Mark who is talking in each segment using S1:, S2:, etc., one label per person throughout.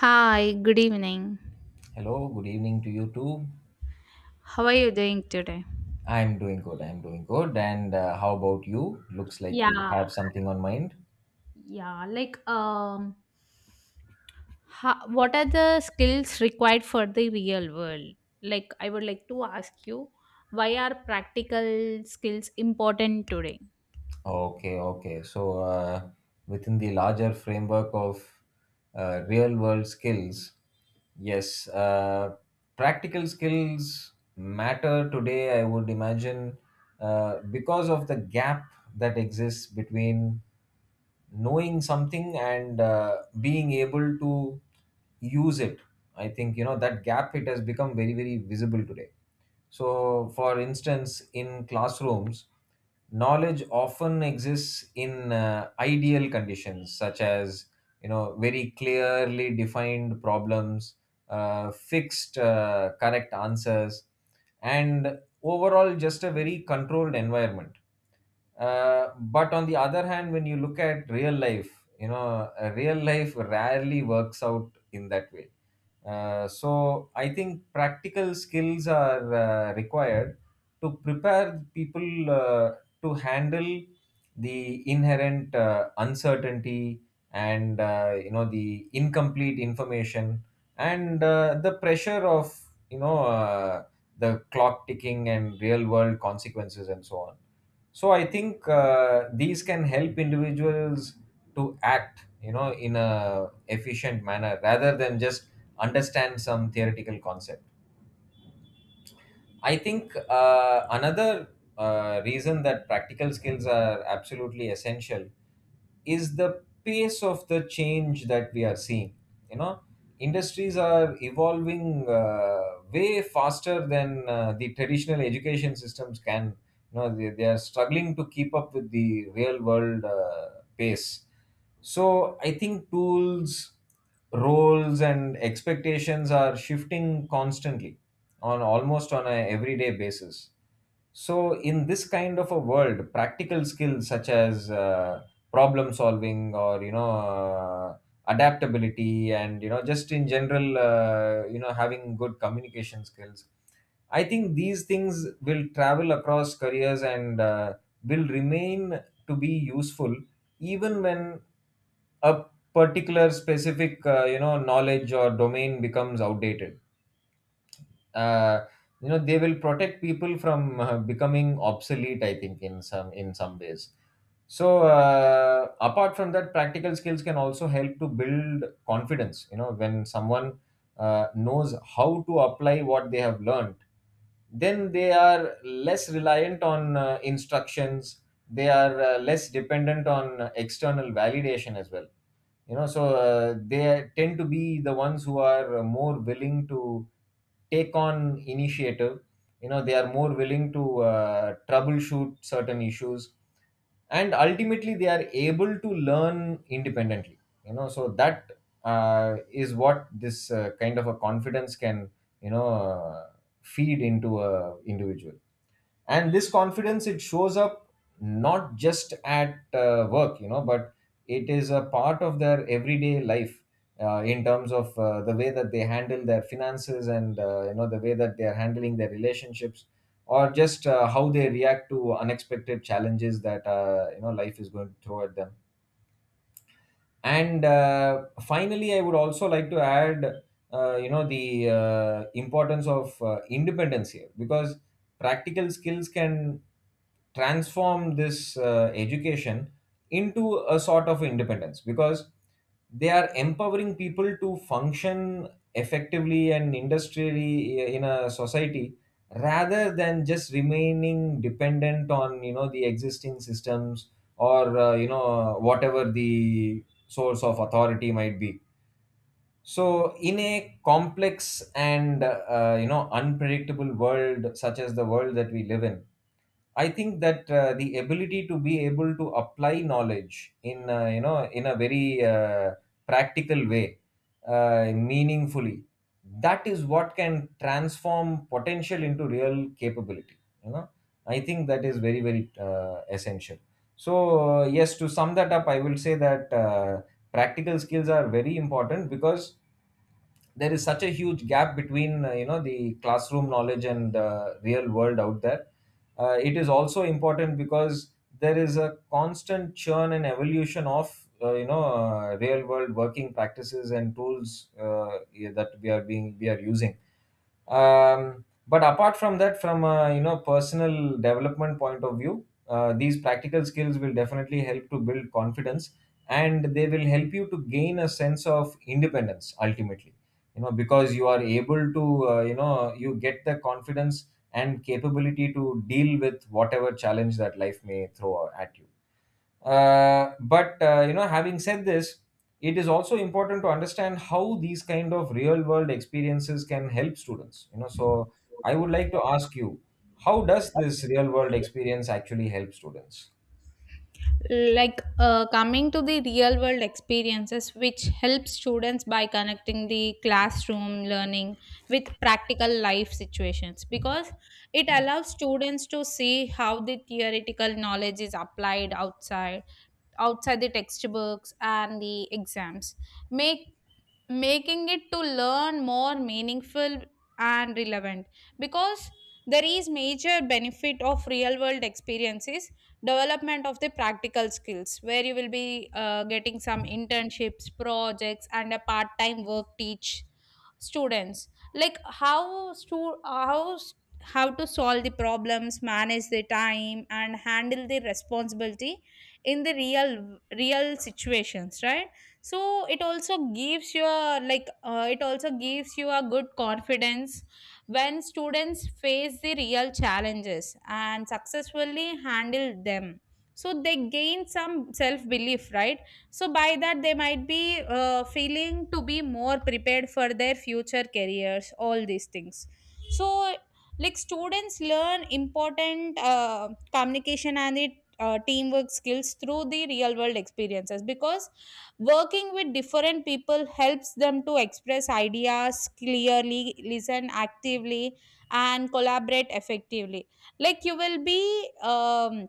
S1: Hi, good evening.
S2: Hello, good evening to you too.
S1: How are you doing today?
S2: I'm doing good. I'm doing good. And how about you? Looks like you
S1: Yeah,
S2: have something on mind.
S1: yeah. Like, um, what are the skills required for the real world? Like, I would like to ask you, why are practical skills important today?
S2: Okay, okay. So, within the larger framework of real world skills, yes, practical skills matter today, I would imagine, because of the gap that exists between knowing something and being able to use it. I think, you know, that gap, it has become very visible today. So for instance, in classrooms, knowledge often exists in ideal conditions, such as, you know, very clearly defined problems, fixed correct answers, and overall just a very controlled environment. But on the other hand, when you look at real life, you know, real life rarely works out in that way. So I think practical skills are required to prepare people to handle the inherent uncertainty and, you know, the incomplete information, and the pressure of, you know uh, the clock ticking and real world consequences, and so on. So I think these can help individuals to act, you know, in a efficient manner, rather than just understand some theoretical concept. I think another reason that practical skills are absolutely essential is the pace of the change that we are seeing. You know, industries are evolving way faster than the traditional education systems can. You know, they are struggling to keep up with the real world pace. So I think tools, roles, and expectations are shifting constantly, on almost on a everyday basis. So, in this kind of a world, practical skills such as problem solving, or, you know, adaptability, and, you know, just in general, you know, having good communication skills, I think these things will travel across careers and will remain to be useful even when a particular specific you know knowledge or domain becomes outdated. uh, you know, they will protect people from becoming obsolete, I think, in some ways. So apart from that, practical skills can also help to build confidence. You know, when someone knows how to apply what they have learned, then they are less reliant on instructions. They are less dependent on external validation as well. You know, so they tend to be the ones who are more willing to take on initiative. You know, they are more willing to troubleshoot certain issues, and ultimately they are able to learn independently. You know, so that is what this kind of a confidence can, you know uh, feed into a individual. And this confidence, it shows up not just at work, you know, but it is a part of their everyday life, in terms of the way that they handle their finances, and, you know, the way that they are handling their relationships, or just how they react to unexpected challenges that, you know, life is going to throw at them. And finally, I would also like to add you know the importance of independence here, because practical skills can transform this education into a sort of independence, because they are empowering people to function effectively and industrially in a society, rather than just remaining dependent on, you know, the existing systems, or, you know, whatever the source of authority might be. So in a complex and, you know, unpredictable world, such as the world that we live in, I think that the ability to be able to apply knowledge in, you know, in a very practical way, meaningfully, that is what can transform potential into real capability. You know, I think that is very essential. So yes, to sum that up, I will say that practical skills are very important because there is such a huge gap between, you know, the classroom knowledge and the real world out there. It is also important because there is a constant churn and evolution of, you know, real world working practices and tools. Yeah, that we are using. But apart from that, from a, you know, personal development point of view, these practical skills will definitely help to build confidence, and they will help you to gain a sense of independence ultimately. You know, because you are able to, you know, you get the confidence and capability to deal with whatever challenge that life may throw at you. But you know, having said this, it is also important to understand how these kind of real world experiences can help students. I would like to ask you, how does this real world experience actually help students?
S1: Coming to the real world experiences which help students by connecting the classroom learning with practical life situations, because it allows students to see how the theoretical knowledge is applied outside outside the textbooks and the exams, make making it to learn more meaningful and relevant, because there is major benefit of real world experiences. Development of the practical skills, where you will be getting some internships, projects and a part time work, teach students like how stu- how s- how to solve the problems, manage the time and handle the responsibility in the real situations, right? So it also gives you a it also gives you a good confidence. When students face the real challenges and successfully handle them, so they gain some self belief, right? So by that they might be feeling to be more prepared for their future careers, all these things. So, like, students learn important communication and the teamwork skills through the real world experiences, because working with different people helps them to express ideas clearly, listen actively, and collaborate effectively. Like, um,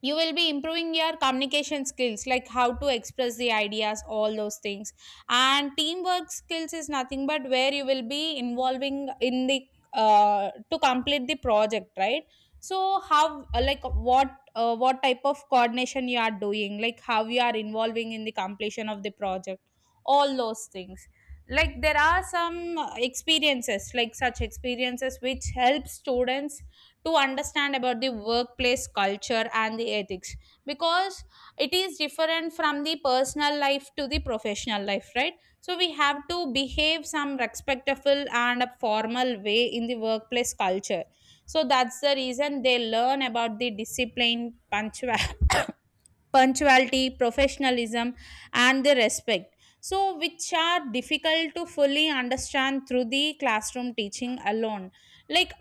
S1: you will be improving your communication skills, like how to express the ideas, all those things. And teamwork skills is nothing but where you will be involving in the to complete the project, right? So how, uh, like what type of coordination you are doing, like how you are involving in the completion of the project, all those things. Like there are some experiences, like such experiences which help students to understand about the workplace culture and the ethics, because it is different from the personal life to the professional life, right? So we have to behave some respectful and a formal way in the workplace culture. So that's the reason they learn about the discipline punctuality punctuality, professionalism, and the respect. So, which are difficult to fully understand through the classroom teaching alone. Like,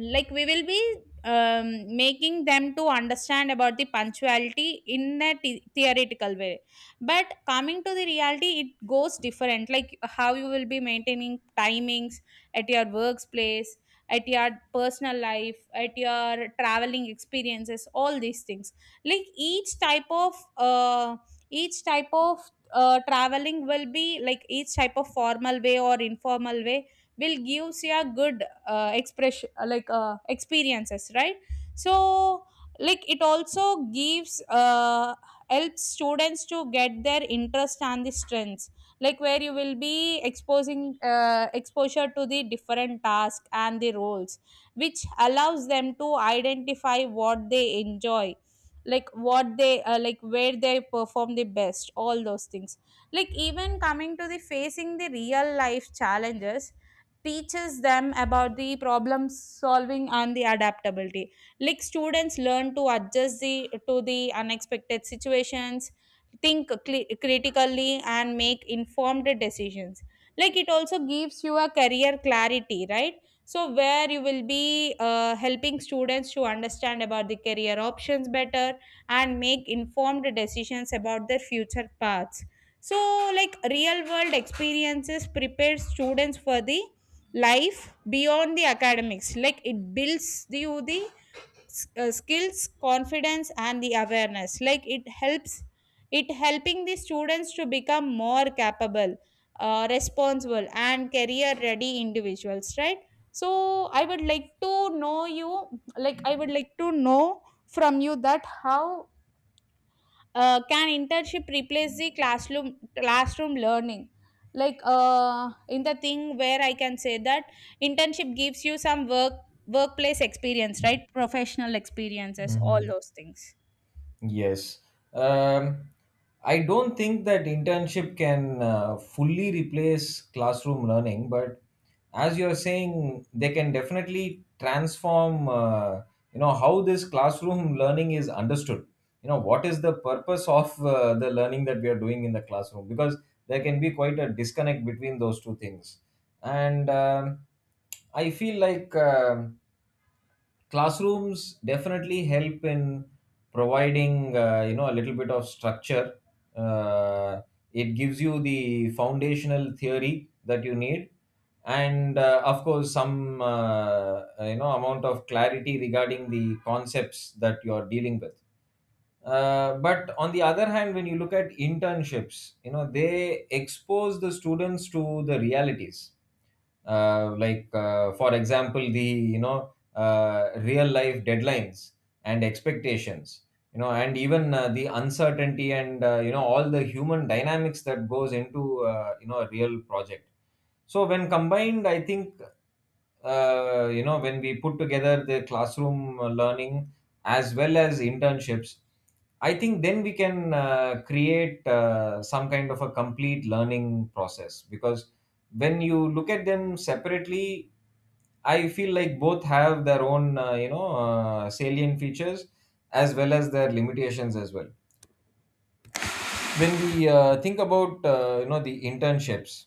S1: like we will be making them to understand about the punctuality in a theoretical way. But coming to the reality, it goes different. Like how you will be maintaining timings at your workplace, at your personal life, at your traveling experiences, all these things. Like each type of traveling will be like each type of formal way or informal way, will gives you a good expression like experiences, right? So like it also gives helps students to get their interest and the strengths, like where you will be exposing exposure to the different tasks and the roles, which allows them to identify what they enjoy, like what they like where they perform the best, all those things. Like even coming to the facing the real life challenges teaches them about the problem solving and the adaptability. Like students learn to adjust the to the unexpected situations, think cli critically and make informed decisions. Like it also gives you a career clarity, right? So where you will be helping students to understand about the career options better and make informed decisions about their future paths. So, like real world experiences prepare students for the life beyond the academics, like it builds the, skills, confidence and the awareness. Like it helps it helping the students to become more capable, responsible and career ready individuals, right? So I would like to know from you that how can internship replace the classroom learning, like, in the thing where I can say that internship gives you some workplace experience, right? Professional experiences, all
S2: Mhm.
S1: those things.
S2: Yes. Um, I don't think that internship can fully replace classroom learning, but as you're saying, they can definitely transform, you know, how this classroom learning is understood. You know, what is the purpose of the learning that we are doing in the classroom? Because there can be quite a disconnect between those two things. And I feel like. Classrooms definitely help in providing, you know, a little bit of structure. uh, it gives you the foundational theory that you need, and of course some, you know, amount of clarity regarding the concepts that you are dealing with. But on the other hand, when you look at internships, you know, they expose the students to the realities, for example, the, real life deadlines and expectations, you know, and even the uncertainty, and, you know, all the human dynamics that goes into, you know, a real project. So when combined, I think you know, when we put together the classroom learning as well as internships, I think then we can create some kind of a complete learning process. Because when you look at them separately, I feel like both have their own, salient features, as well as their limitations as well. When we think about, you know, the internships,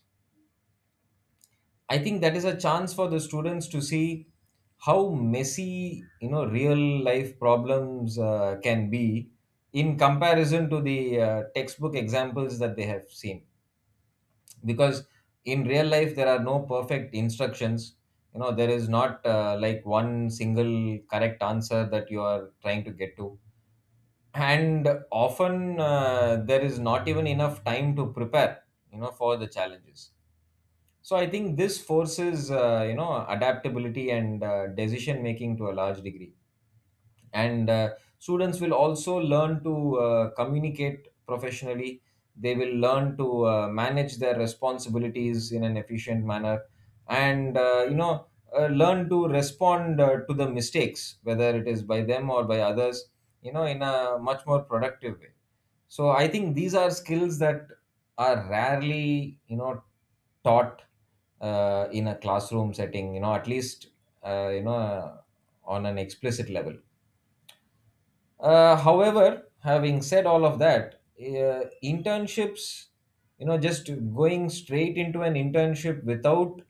S2: I think that is a chance for the students to see how messy, you know, real life problems can be, in comparison to the textbook examples that they have seen. Because in real life there are no perfect instructions. You know, there is not like one single correct answer that you are trying to get to, and often there is not even enough time to prepare, you know, for the challenges. So I think this forces, you know, adaptability and decision making, to a large degree. And students will also learn to communicate professionally. They will learn to manage their responsibilities in an efficient manner, and, learn to respond to the mistakes, whether it is by them or by others, you know, in a much more productive way. So I think these are skills that are rarely, you know, taught in a classroom setting, you know, at least uh, you know uh, on an explicit level. However, having said all of that, internships, you know, just going straight into an internship without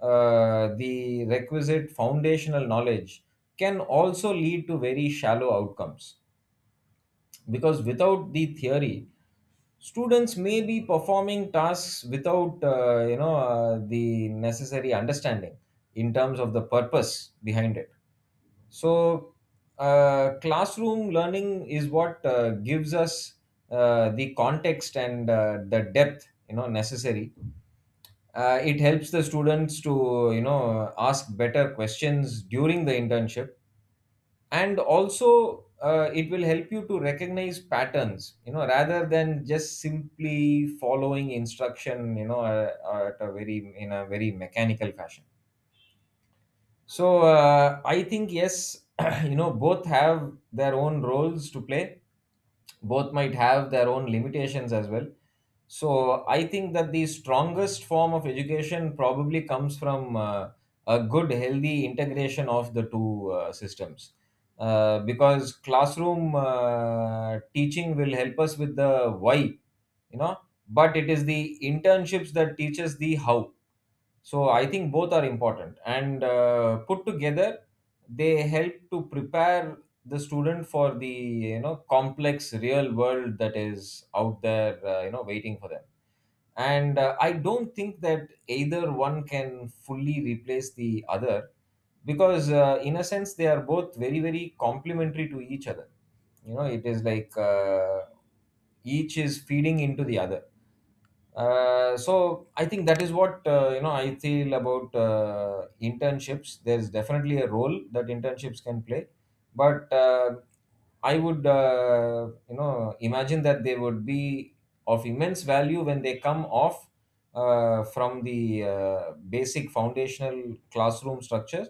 S2: the requisite foundational knowledge can also lead to very shallow outcomes. Because without the theory, students may be performing tasks without, the necessary understanding in terms of the purpose behind it. So, classroom learning is what gives us the context and the depth, you know, necessary. It helps the students to, you know, ask better questions during the internship, and also it will help you to recognize patterns, you know, rather than just simply following instruction, you know, at a very in a very mechanical fashion. So I think yes, you know, both have their own roles to play. Both might have their own limitations as well. So I think that the strongest form of education probably comes from a good, healthy integration of the two systems. Because classroom teaching will help us with the why, you know, but it is the internships that teaches the how. So I think both are important, and put together, they help to prepare the student for the, you know, complex real world that is out there, you know, waiting for them. And I don't think that either one can fully replace the other, because in a sense they are both very complementary to each other. You know, it is like each is feeding into the other. So I think that is what, you know, I feel about internships. There's definitely a role that internships can play, but I would imagine that they would be of immense value when they come off from the basic foundational classroom structures,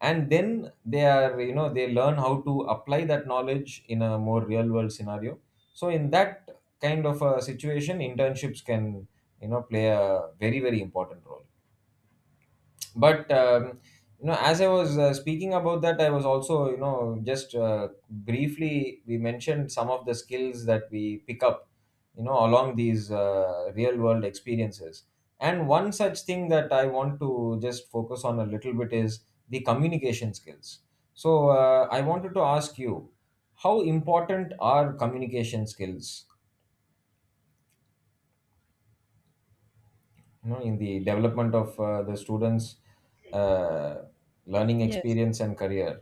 S2: and then they are you know they learn how to apply that knowledge in a more real world scenario. So in that kind of a situation, internships can play a very very important role, but as I was speaking about that, I was also just briefly, we mentioned some of the skills that we pick up along these real world experiences. And one such thing that I want to just focus on a little bit is the communication skills. So I wanted to ask you, how important are communication skills in the development of the students uh, learning
S1: Yes.
S2: experience and career?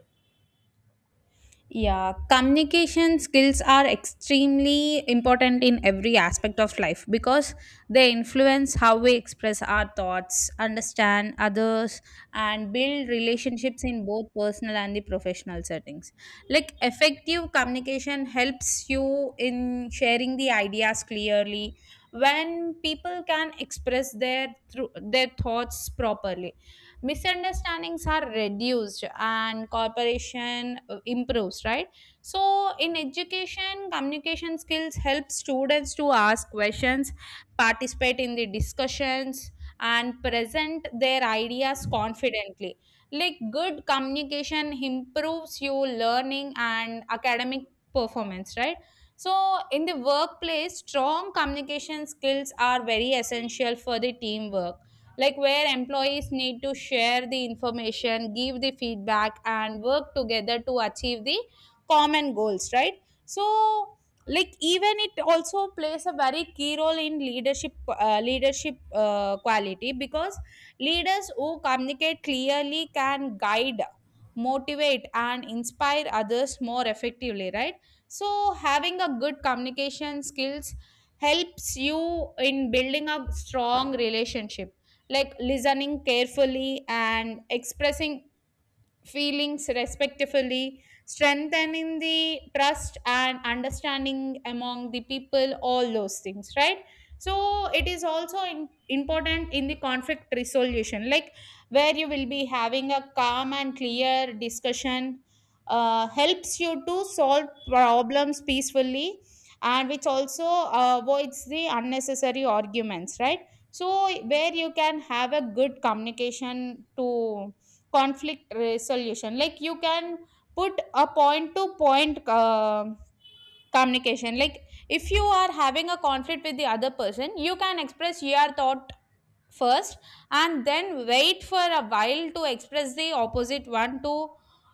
S1: Yeah, communication skills are extremely important in every aspect of life, because they influence how we express our thoughts, understand others, and build relationships in both personal and the professional settings. Like effective communication helps you in sharing the ideas clearly. When people can express their through their thoughts properly, misunderstandings are reduced and cooperation improves, right? So in education, communication skills help students to ask questions, participate in the discussions, and present their ideas confidently. Like good communication improves your learning and academic performance, right? So in the workplace, strong communication skills are very essential for the teamwork, like where employees need to share the information, give the feedback, and work together to achieve the common goals, right? So, like, even it also plays a very key role in leadership quality, because leaders who communicate clearly can guide, motivate and inspire others more effectively, right? So having a good communication skills helps you in building a strong relationship, like listening carefully and expressing feelings respectively, strengthening the trust and understanding among the people, all those things, right? So it is also in, important in the conflict resolution, like where you will be having a calm and clear discussion helps you to solve problems peacefully, and which also avoids the unnecessary arguments, right? So where you can have a good communication to conflict resolution, like you can put a point to point communication. Like if you are having a conflict with the other person, you can express your thought first, and then wait for a while to express the opposite one to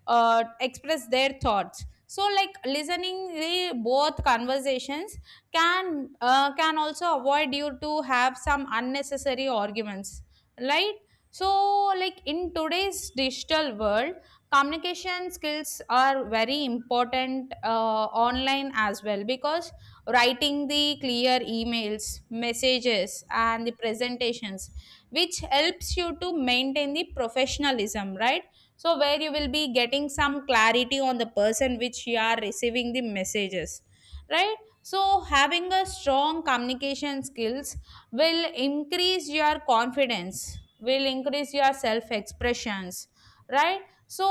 S1: express their thoughts. So like listening the both conversations can also avoid you to have some unnecessary arguments, right? So like in today's digital world, communication skills are very important online as well, because writing the clear emails, messages and the presentations, which helps you to maintain the professionalism, right? So where you will be getting some clarity on the person which you are receiving the messages, right? So having a strong communication skills will increase your confidence, will increase your self expressions, right? So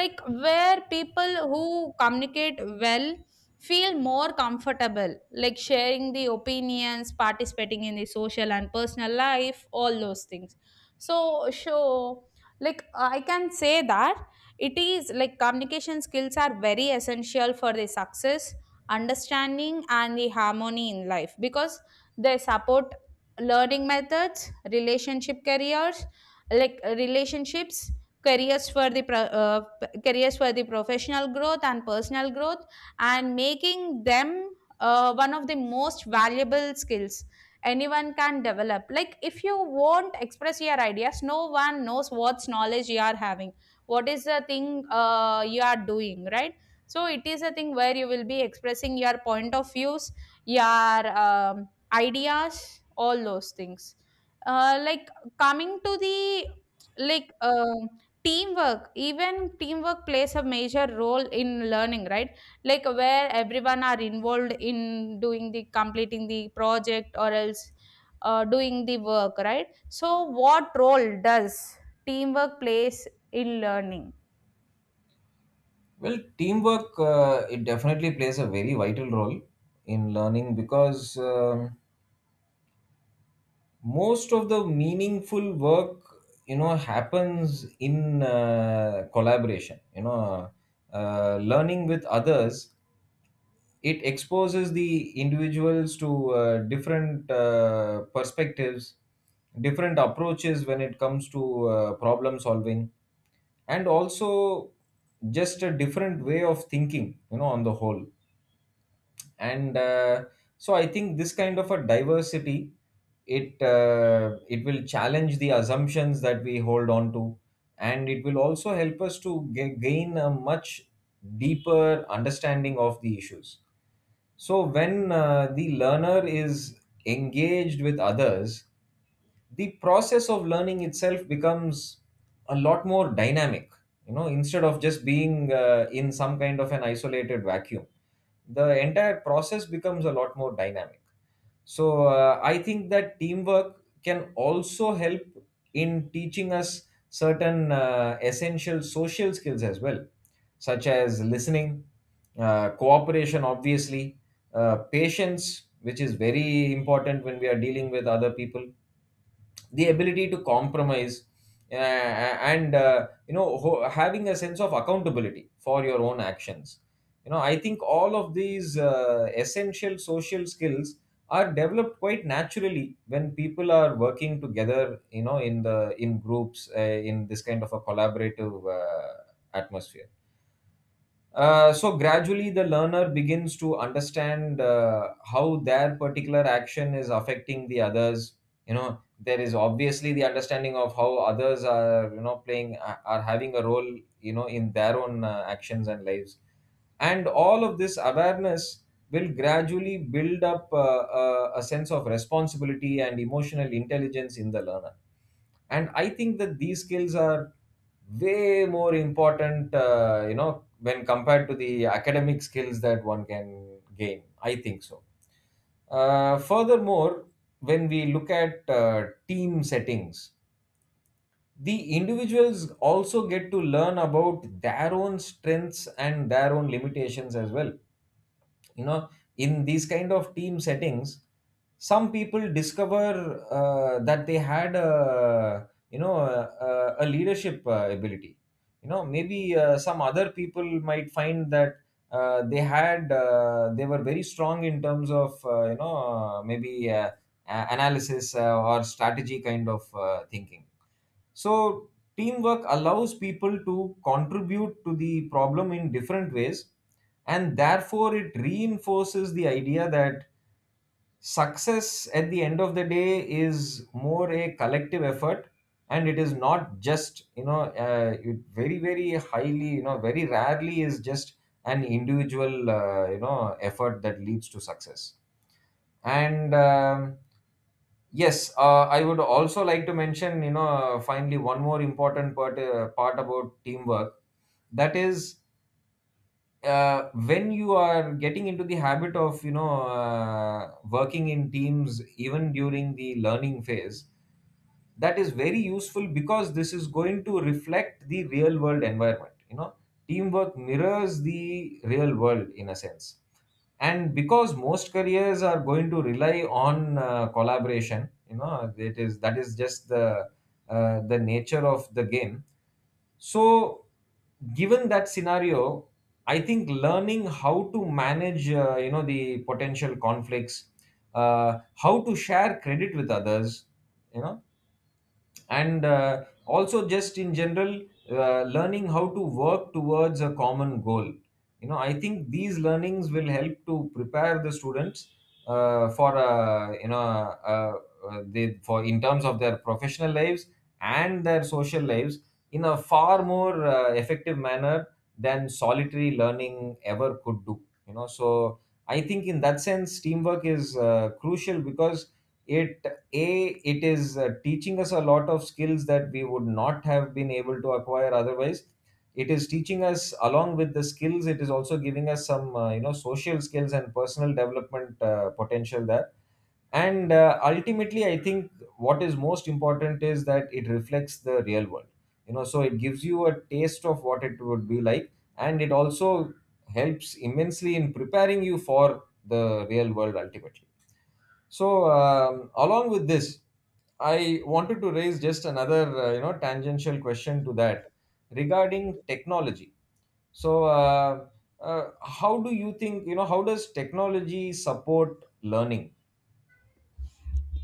S1: like where people who communicate well feel more comfortable, like sharing the opinions, participating in the social and personal life, all those things. So, like I can say that it is like communication skills are very essential for the success, understanding and the harmony in life, because they support learning methods, relationship careers, like relationships, careers for the careers for the professional growth and personal growth, and making them one of the most valuable skills anyone can develop. Like if you won't express your ideas, no one knows what's knowledge you are having, what is the thing you are doing, right? So it is a thing where you will be expressing your point of views, your ideas, all those things. Like coming to the like Teamwork, even teamwork plays a major role in learning, right? Like where everyone are involved in doing the completing the project, or else doing the work, right? So what role does teamwork plays in learning?
S2: Well, teamwork, it definitely plays a very vital role in learning, because most of the meaningful work happens in collaboration. Learning with others, it exposes the individuals to different perspectives, different approaches when it comes to problem solving, and also just a different way of thinking on the whole. And so I think this kind of a diversity, it will challenge the assumptions that we hold on to, and it will also help us to gain a much deeper understanding of the issues. So, when the learner is engaged with others, the process of learning itself becomes a lot more dynamic. Instead of just being in some kind of an isolated vacuum, the entire process becomes a lot more dynamic. So I think that teamwork can also help in teaching us certain essential social skills as well, such as listening, cooperation, obviously, patience, which is very important when we are dealing with other people, the ability to compromise, and having a sense of accountability for your own actions. I think all of these essential social skills are developed quite naturally when people are working together, in groups, in this kind of a collaborative atmosphere. So gradually the learner begins to understand how their particular action is affecting the others. There is obviously the understanding of how others are playing are having a role in their own actions and lives. And all of this awareness will gradually build up a sense of responsibility and emotional intelligence in the learner. And I think that these skills are way more important, when compared to the academic skills that one can gain. I think so. Furthermore, when we look at team settings, the individuals also get to learn about their own strengths and their own limitations as well. You know in these kind of team settings, some people discover that they had a leadership ability. Maybe some other people might find that they were very strong in terms of maybe analysis, or strategy kind of thinking. So, teamwork allows people to contribute to the problem in different ways, and therefore, it reinforces the idea that success at the end of the day is more a collective effort, and it is not just it very very highly you know very rarely is just an individual effort that leads to success. And, yes, I would also like to mention, finally, one more important part about teamwork. That is, when you are getting into the habit of working in teams, even during the learning phase, that is very useful, because this is going to reflect the real world environment. Teamwork mirrors the real world in a sense, and because most careers are going to rely on collaboration. You know it is that is just the nature of the game. So given that scenario, I think learning how to manage the potential conflicts, how to share credit with others, you know and also just in general, learning how to work towards a common goal. I think these learnings will help to prepare the students for you know they for in terms of their professional lives and their social lives, in a far more effective manner than solitary learning ever could do. So I think in that sense, teamwork is crucial, because it it is teaching us a lot of skills that we would not have been able to acquire otherwise. It is teaching us, along with the skills, it is also giving us some social skills and personal development potential there. And ultimately, I think what is most important is that it reflects the real world. So it gives you a taste of what it would be like, and it also helps immensely in preparing you for the real world ultimately. So, along with this, I wanted to raise just another tangential question to that, regarding technology. So how do you think you know how does technology support learning?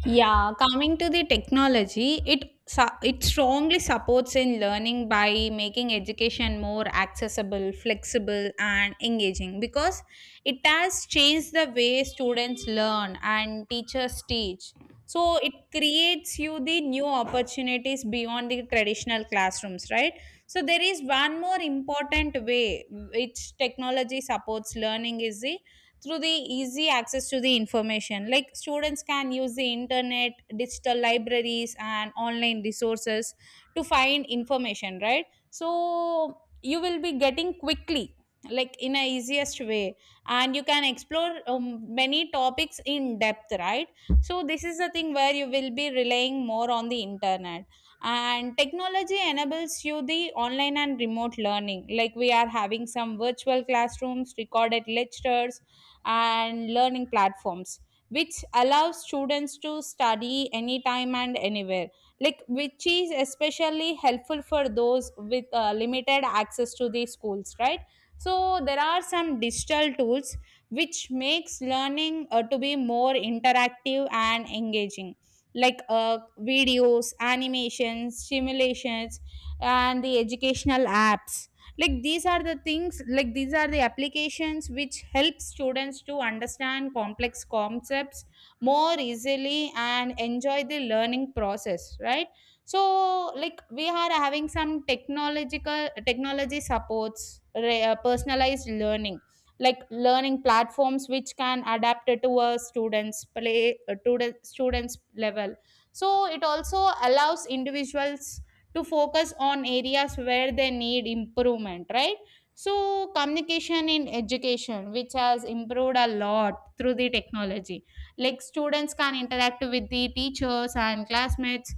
S1: Yeah, coming to the technology, it it strongly supports in learning by making education more accessible, flexible, and engaging, because it has changed the way students learn and teachers teach. So it creates you the new opportunities beyond the traditional classrooms, right? So there is one more important way which technology supports learning is the through the easy access to the information. Like students can use the internet, digital libraries, and online resources to find information, right? So you will be getting quickly, like in a easiest way, and you can explore many topics in depth, right? So this is the thing where you will be relying more on the internet. And technology enables you the online and remote learning, like we are having some virtual classrooms, recorded lectures and learning platforms, which allows students to study anytime and anywhere, like which is especially helpful for those with limited access to the schools, right? So there are some digital tools which makes learning to be more interactive and engaging, like videos, animations, simulations and the educational apps. Like these are the things, like these are the applications which help students to understand complex concepts more easily and enjoy the learning process, right? So like we are having some technological technology supports personalized learning, like learning platforms which can adapt it to a students play to the students level. So it also allows individuals to focus on areas where they need improvement, right? So communication in education, which has improved a lot through the technology, like students can interact with the teachers and classmates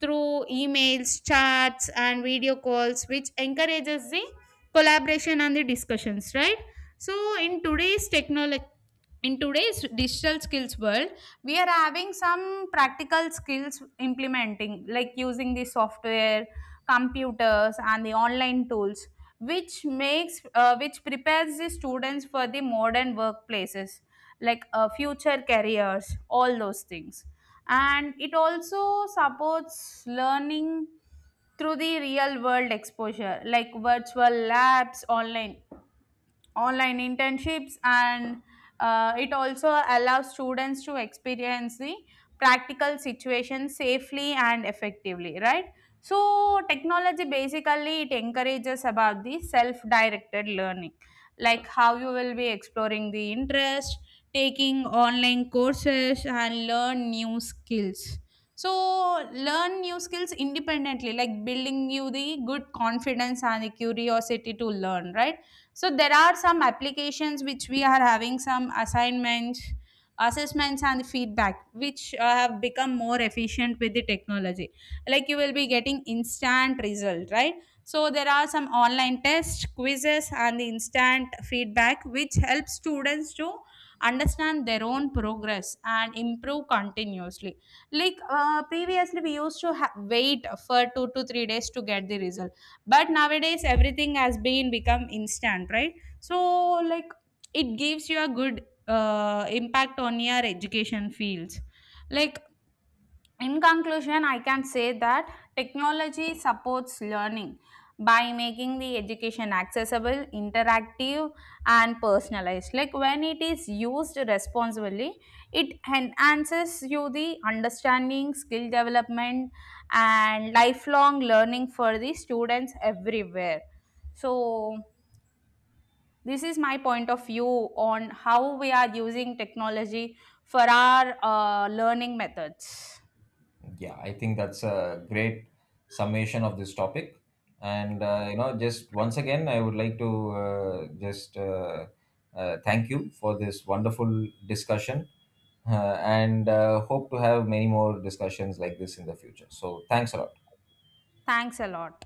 S1: through emails, chats and video calls, which encourages the collaboration and the discussions, right? So in today's technology, in today's digital skills world, we are having some practical skills implementing, like using the software, computers and the online tools, which makes which prepares the students for the modern workplaces, like future careers, all those things. And it also supports learning through the real world exposure, like virtual labs, online internships, and it also allows students to experience the practical situation safely and effectively, right? So technology basically it encourages about the self directed learning, like how you will be exploring the interest, taking online courses and learn new skills, so learn new skills independently, like building you the good confidence and the curiosity to learn, right? So there are some applications which we are having some assignments, assessments and feedback, which have become more efficient with the technology, like you will be getting instant result, right? So there are some online tests, quizzes and the instant feedback which helps students to understand their own progress and improve continuously. Like previously we used to wait for 2 to 3 days to get the result, but nowadays everything has been become instant, right? So like it gives you a good impact on your education fields. Like in conclusion, I can say that technology supports learning by making the education accessible, interactive, and personalized. Like when it is used responsibly, it enhances you the understanding, skill development, and lifelong learning for the students everywhere. So, this is my point of view on how we are using technology for our learning methods.
S2: Yeah, I think that's a great summation of this topic. And, just once again, I would like to just thank you for this wonderful discussion, and hope to have many more discussions like this in the future. So, thanks a lot.
S1: Thanks a lot.